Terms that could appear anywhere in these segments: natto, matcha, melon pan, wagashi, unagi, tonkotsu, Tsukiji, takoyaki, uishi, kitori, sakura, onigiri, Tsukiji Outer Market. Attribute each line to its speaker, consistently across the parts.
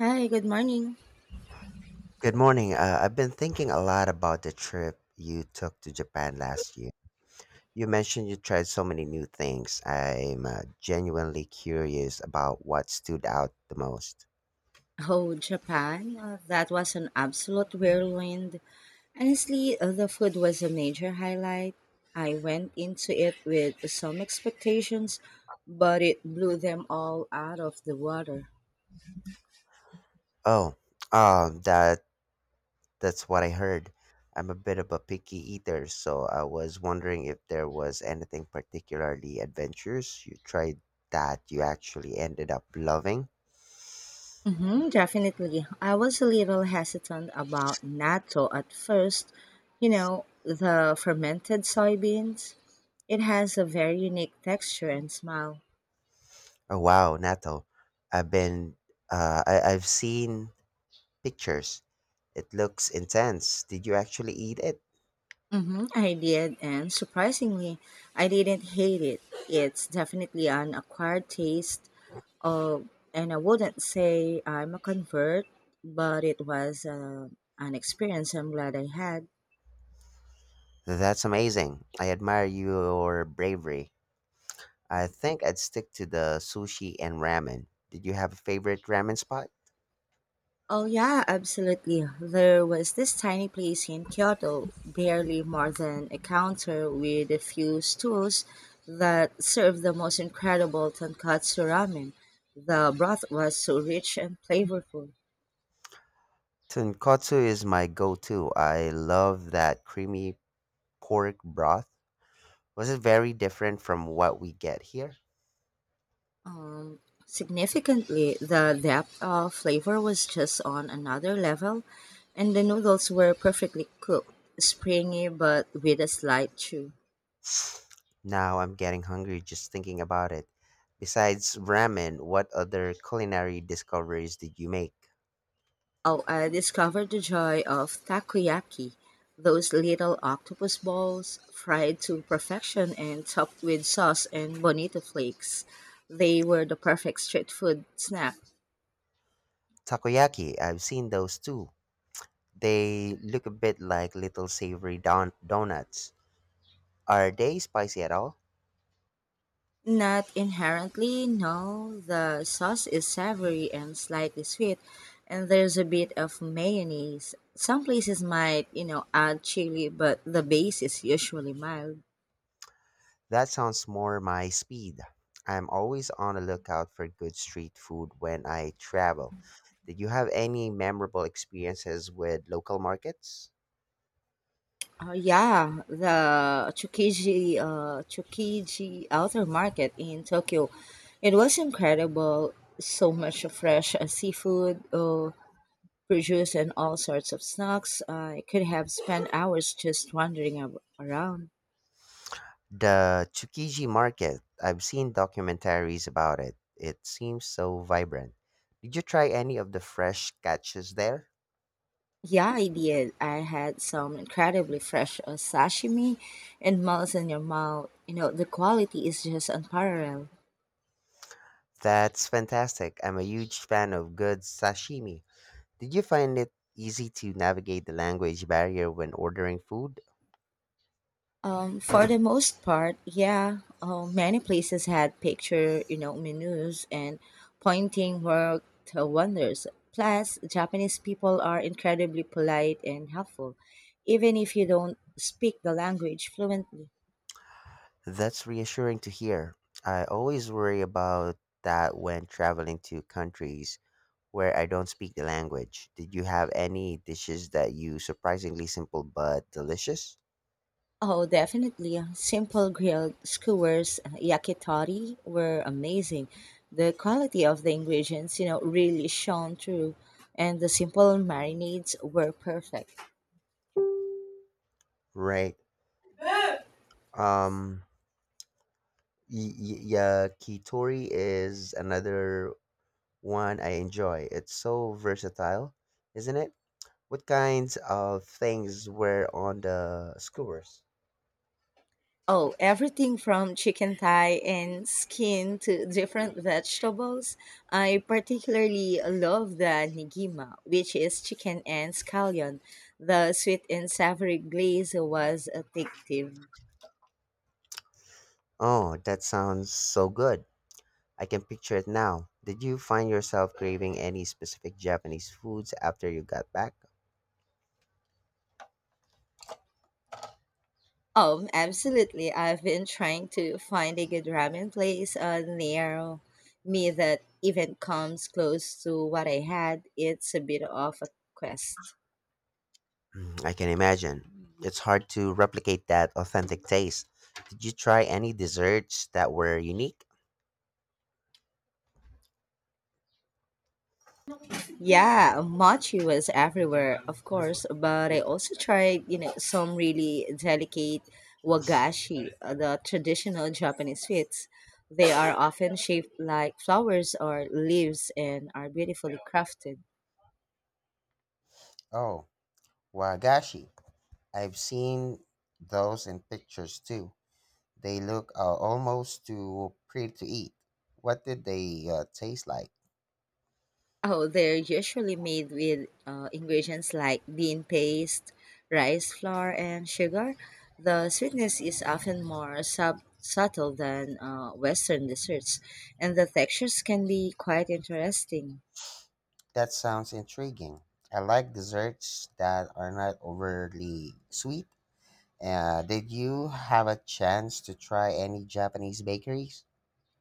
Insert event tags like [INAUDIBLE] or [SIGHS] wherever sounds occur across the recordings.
Speaker 1: Hi, good morning.
Speaker 2: Good morning. I've been thinking a lot about the trip you took to Japan last year. You mentioned you tried so many new things. I'm genuinely curious about what stood out the most.
Speaker 1: Oh, Japan, that was an absolute whirlwind. Honestly, the food was a major highlight. I went into it with some expectations, but it blew them all out of the water.
Speaker 2: Oh, the That's what I heard. I'm a bit of a picky eater, so I was wondering if there was anything particularly adventurous you tried that you actually ended up loving.
Speaker 1: Definitely. I was a little hesitant about natto at first. You know, the fermented soybeans. It has a very unique texture and smell.
Speaker 2: Oh wow, natto. I've been I've seen pictures. It looks intense. Did you actually eat it?
Speaker 1: I did, and surprisingly, I didn't hate it. It's definitely an acquired taste of, and I wouldn't say I'm a convert, but it was an experience I'm glad I had.
Speaker 2: That's amazing. I admire your bravery. I think I'd stick to the sushi and ramen. Did you have a favorite ramen spot?
Speaker 1: Oh yeah, absolutely. There was this tiny place in Kyoto, barely more than a counter with a few stools that served the most incredible tonkatsu ramen. The broth was so rich and flavorful.
Speaker 2: Tonkotsu is my go-to. I love that creamy pork broth. Was it very different from what we get here?
Speaker 1: Um, significantly, the depth of flavor was just on another level, and the noodles were perfectly cooked, springy but with a slight chew.
Speaker 2: [SIGHS] Now I'm getting hungry just thinking about it. Besides ramen, what other culinary discoveries did you make?
Speaker 1: Oh, I discovered the joy of takoyaki, those little octopus balls fried to perfection and topped with sauce and bonito flakes. They were the perfect street food snack.
Speaker 2: Takoyaki, I've seen those too. They look a bit like little savory donuts. Are they spicy at all?
Speaker 1: Not inherently, no. The sauce is savory and slightly sweet, and there's a bit of mayonnaise. Some places might, you know, add chili, but the base is usually mild.
Speaker 2: That sounds more my speed. I'm always on the lookout for good street food when I travel. Did you have any memorable experiences with local markets?
Speaker 1: Yeah, the Tsukiji, Tsukiji Outer Market in Tokyo. It was incredible. So much fresh seafood, produce, and all sorts of snacks. I could have spent hours just wandering around.
Speaker 2: The Tsukiji market. I've seen documentaries about it. It seems so vibrant. Did you try any of the fresh catches there?
Speaker 1: Yeah, I did. I had some incredibly fresh sashimi and melts in your mouth. You know, the quality is just unparalleled.
Speaker 2: That's fantastic. I'm a huge fan of good sashimi. Did you find it easy to navigate the language barrier when ordering food?
Speaker 1: For the most part, yeah, many places had picture, you know, menus and pointing worked wonders. Plus, Japanese people are incredibly polite and helpful, even if you don't speak the language fluently.
Speaker 2: That's reassuring to hear. I always worry about that when traveling to countries where I don't speak the language. Did you have any dishes that you surprisingly simple but delicious?
Speaker 1: Oh, definitely. Simple grilled skewers, yakitori were amazing. The quality of the ingredients, you know, really shone through, and the simple marinades were perfect.
Speaker 2: Right. Um yeah, kitori is another one I enjoy. It's so versatile, isn't it? What kinds of things were on the skewers?
Speaker 1: Oh, everything from chicken thigh and skin to different vegetables. I particularly love the nigima, which is chicken and scallion. The sweet and savory glaze was addictive.
Speaker 2: Oh, that sounds so good. I can picture it now. Did you find yourself craving any specific Japanese foods after you got back?
Speaker 1: Oh, absolutely. I've been trying to find a good ramen place near me that even comes close to what I had. It's a bit of a quest.
Speaker 2: Mm, I can imagine. It's hard to replicate that authentic taste. Did you try any desserts that were unique?
Speaker 1: Yeah, mochi was everywhere, of course, but I also tried, you know, some really delicate wagashi, the traditional Japanese sweets. They are often shaped like flowers or leaves and are beautifully crafted.
Speaker 2: Oh, wagashi. I've seen those in pictures too. They look almost too pretty to eat. What did they taste like?
Speaker 1: Oh, they're usually made with ingredients like bean paste, rice flour, and sugar. The sweetness is often more subtle than Western desserts, and the textures can be quite interesting.
Speaker 2: That sounds intriguing. I like desserts that are not overly sweet. Did you have a chance to try any Japanese bakeries?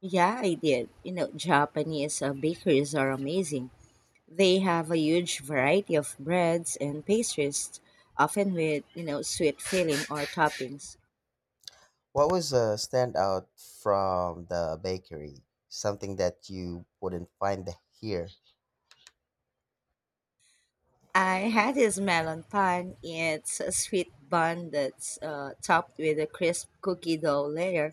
Speaker 1: Yeah, I did. You know, Japanese bakeries are amazing. They have a huge variety of breads and pastries, often with, you know, sweet filling or toppings.
Speaker 2: What was a standout from the bakery? Something that you wouldn't find here.
Speaker 1: I had this melon pan. It's a sweet bun that's topped with a crisp cookie dough layer.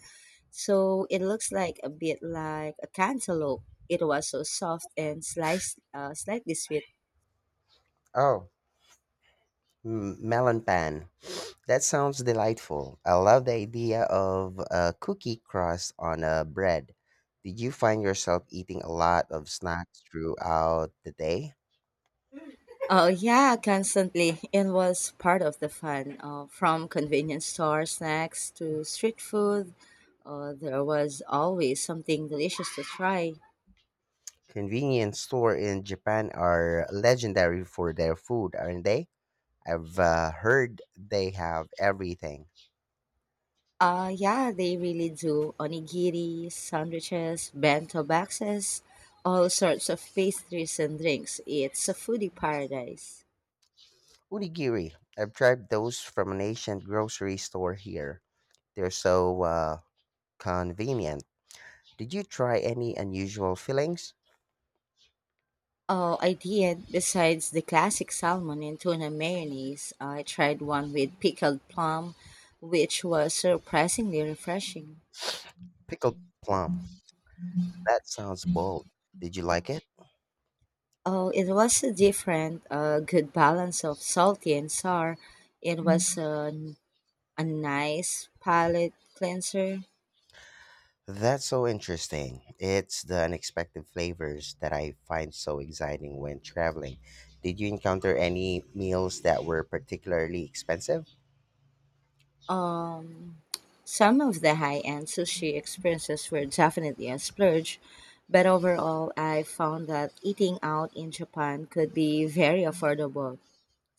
Speaker 1: So it looks like a bit like a cantaloupe. It was so soft and sliced, slightly sweet.
Speaker 2: Oh, melon pan. That sounds delightful. I love the idea of a cookie crust on a bread. Did you find yourself eating a lot of snacks throughout the day?
Speaker 1: Oh yeah, constantly. It was part of the fun. From convenience store snacks to street food, there was always something delicious to try.
Speaker 2: Convenience store in Japan are legendary for their food, aren't they? I've heard they have everything.
Speaker 1: Yeah, they really do. Onigiri, sandwiches, bento boxes, all sorts of pastries and drinks. It's a foodie paradise.
Speaker 2: Unigiri. I've tried those from an ancient grocery store here. They're so convenient. Did you try any unusual fillings?
Speaker 1: Oh, I did. Besides the classic salmon and tuna mayonnaise, I tried one with pickled plum, which was surprisingly refreshing.
Speaker 2: Pickled plum. That sounds bold. Did you like it?
Speaker 1: Oh, it was a different, good balance of salty and sour. It was a nice palate cleanser.
Speaker 2: That's so interesting. It's the unexpected flavors that I find so exciting when traveling. Did you encounter any meals that were particularly expensive?
Speaker 1: Um, Some of the high-end sushi experiences were definitely a splurge, but overall, I found that eating out in Japan could be very affordable,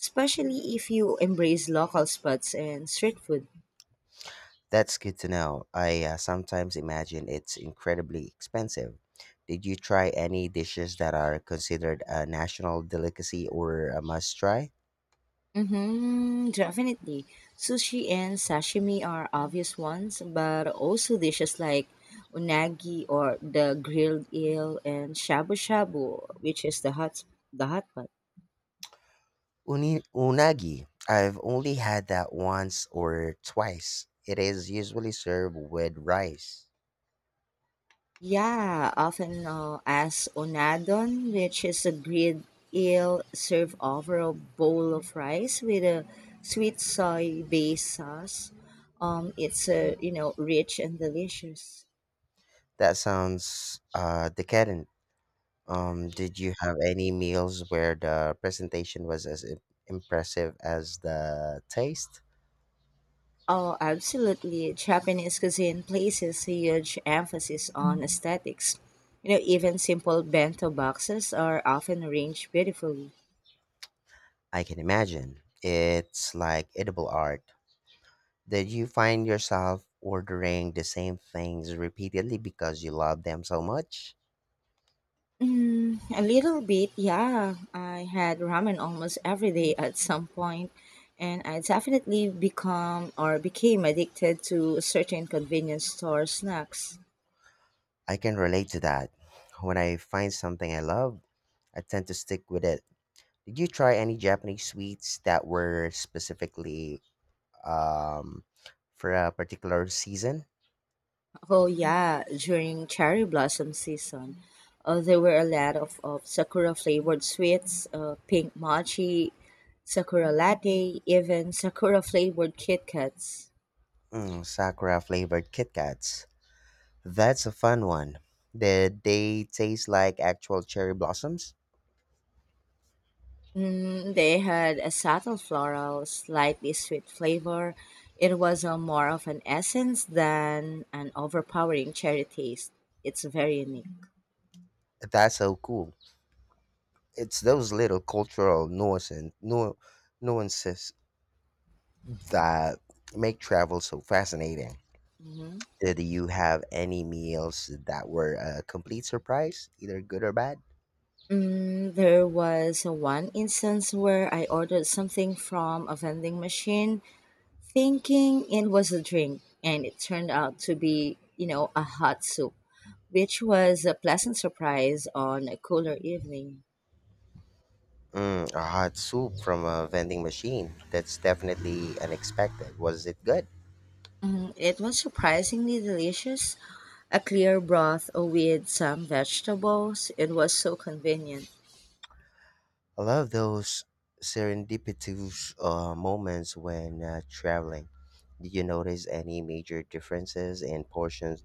Speaker 1: especially if you embrace local spots and street food.
Speaker 2: That's good to know. I sometimes imagine it's incredibly expensive. Did you try any dishes that are considered a national delicacy or a must try?
Speaker 1: Mm-hmm, definitely. Sushi and sashimi are obvious ones, but also dishes like unagi or the grilled eel and shabu shabu, which is the hot pot.
Speaker 2: Unagi. I've only had that once or twice. It is usually served with rice.
Speaker 1: Yeah, often known as onadon, which is a grilled eel served over a bowl of rice with a sweet soy-based sauce. It's you know, rich and delicious.
Speaker 2: That sounds decadent. Did you have any meals where the presentation was as impressive as the taste?
Speaker 1: Oh, absolutely! Japanese cuisine places a huge emphasis on aesthetics. You know, even simple bento boxes are often arranged beautifully.
Speaker 2: I can imagine. It's like edible art. Did you find yourself ordering the same things repeatedly because you love them so much?
Speaker 1: Mm, a little bit, yeah. I had ramen almost every day at some point, and I definitely become or became addicted to certain convenience store snacks.
Speaker 2: I can relate to that. When I find something I love, I tend to stick with it. Did you try any Japanese sweets that were specifically um, for a particular season?
Speaker 1: Oh yeah, during cherry blossom season, there were a lot of sakura flavored sweets, pink mochi, sakura latte, even sakura flavored Kit Kats.
Speaker 2: Mm, sakura flavored Kit Kats. That's a fun one. Did they taste like actual cherry blossoms?
Speaker 1: Mm, they had a subtle floral, slightly sweet flavor. It was a more of an essence than an overpowering cherry taste. It's very unique.
Speaker 2: That's so cool. It's those little cultural nuances that make travel so fascinating. Did you have any meals that were a complete surprise, either good or bad?
Speaker 1: Mm, there was one instance where I ordered something from a vending machine thinking it was a drink, and it turned out to be, you know, a hot soup, which was a pleasant surprise on a cooler evening.
Speaker 2: Mm, a hot soup from a vending machine. That's definitely unexpected. Was it good?
Speaker 1: Mm, it was surprisingly delicious. A clear broth with some vegetables. It was so convenient.
Speaker 2: I love those serendipitous moments when traveling. Did you notice any major differences in portions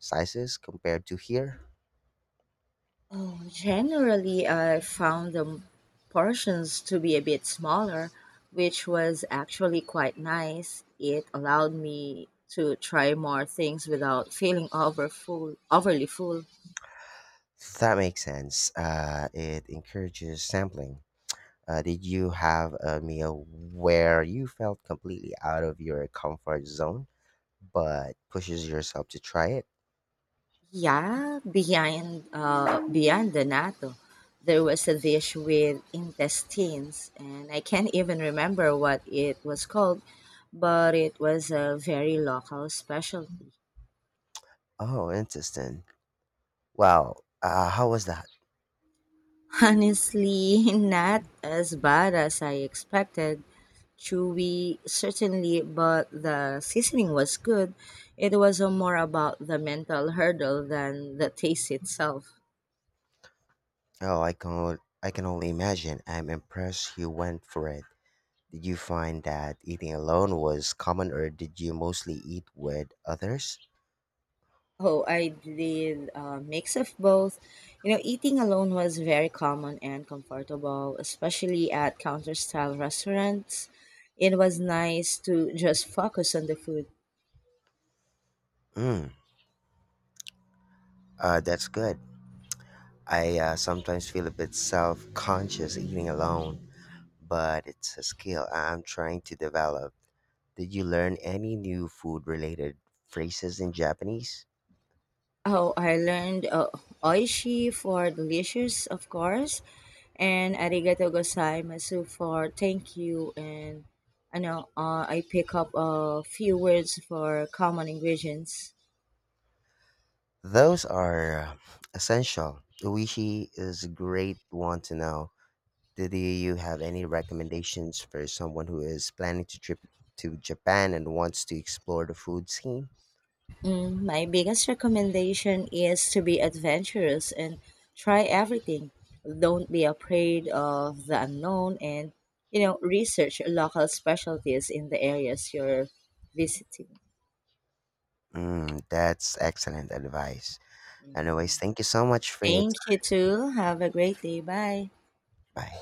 Speaker 2: sizes compared to here?
Speaker 1: Oh, generally, I found the portions to be a bit smaller, which was actually quite nice. It allowed me to try more things without feeling overly full.
Speaker 2: That makes sense. It encourages sampling. Did you have a meal where you felt completely out of your comfort zone, but pushes yourself to try it?
Speaker 1: Yeah, behind beyond the natto, there was a dish with intestines, and I can't even remember what it was called, but it was a very local specialty.
Speaker 2: Oh, interesting. Wow, how was that?
Speaker 1: Honestly, [LAUGHS] not as bad as I expected. Chewy, certainly, but the seasoning was good. It was more about the mental hurdle than the taste itself.
Speaker 2: Oh, I can only imagine. I'm impressed you went for it. Did you find that eating alone was common, or did you mostly eat with others?
Speaker 1: Oh, I did a mix of both. You know, eating alone was very common and comfortable, especially at counter style restaurants. It was nice to just focus on the food.
Speaker 2: Mm, that's good. I sometimes feel a bit self-conscious eating alone, but it's a skill I'm trying to develop. Did you learn any new food-related phrases in Japanese?
Speaker 1: Oh, I learned oishi for delicious, of course, and arigato gozaimasu for thank you. And I know I pick up a few words for common ingredients.
Speaker 2: Those are essential. Uishi is a great one to know. You have any recommendations for someone who is planning to trip to Japan and wants to explore the food scene?
Speaker 1: Mm, my biggest recommendation is to be adventurous and try everything. Don't be afraid of the unknown and, you know, research local specialties in the areas you're visiting.
Speaker 2: Mm, that's excellent advice. Anyways,
Speaker 1: Mhm.
Speaker 2: thank you so much for your
Speaker 1: Thank
Speaker 2: time.
Speaker 1: you too. Have a great day. Bye.
Speaker 2: Bye.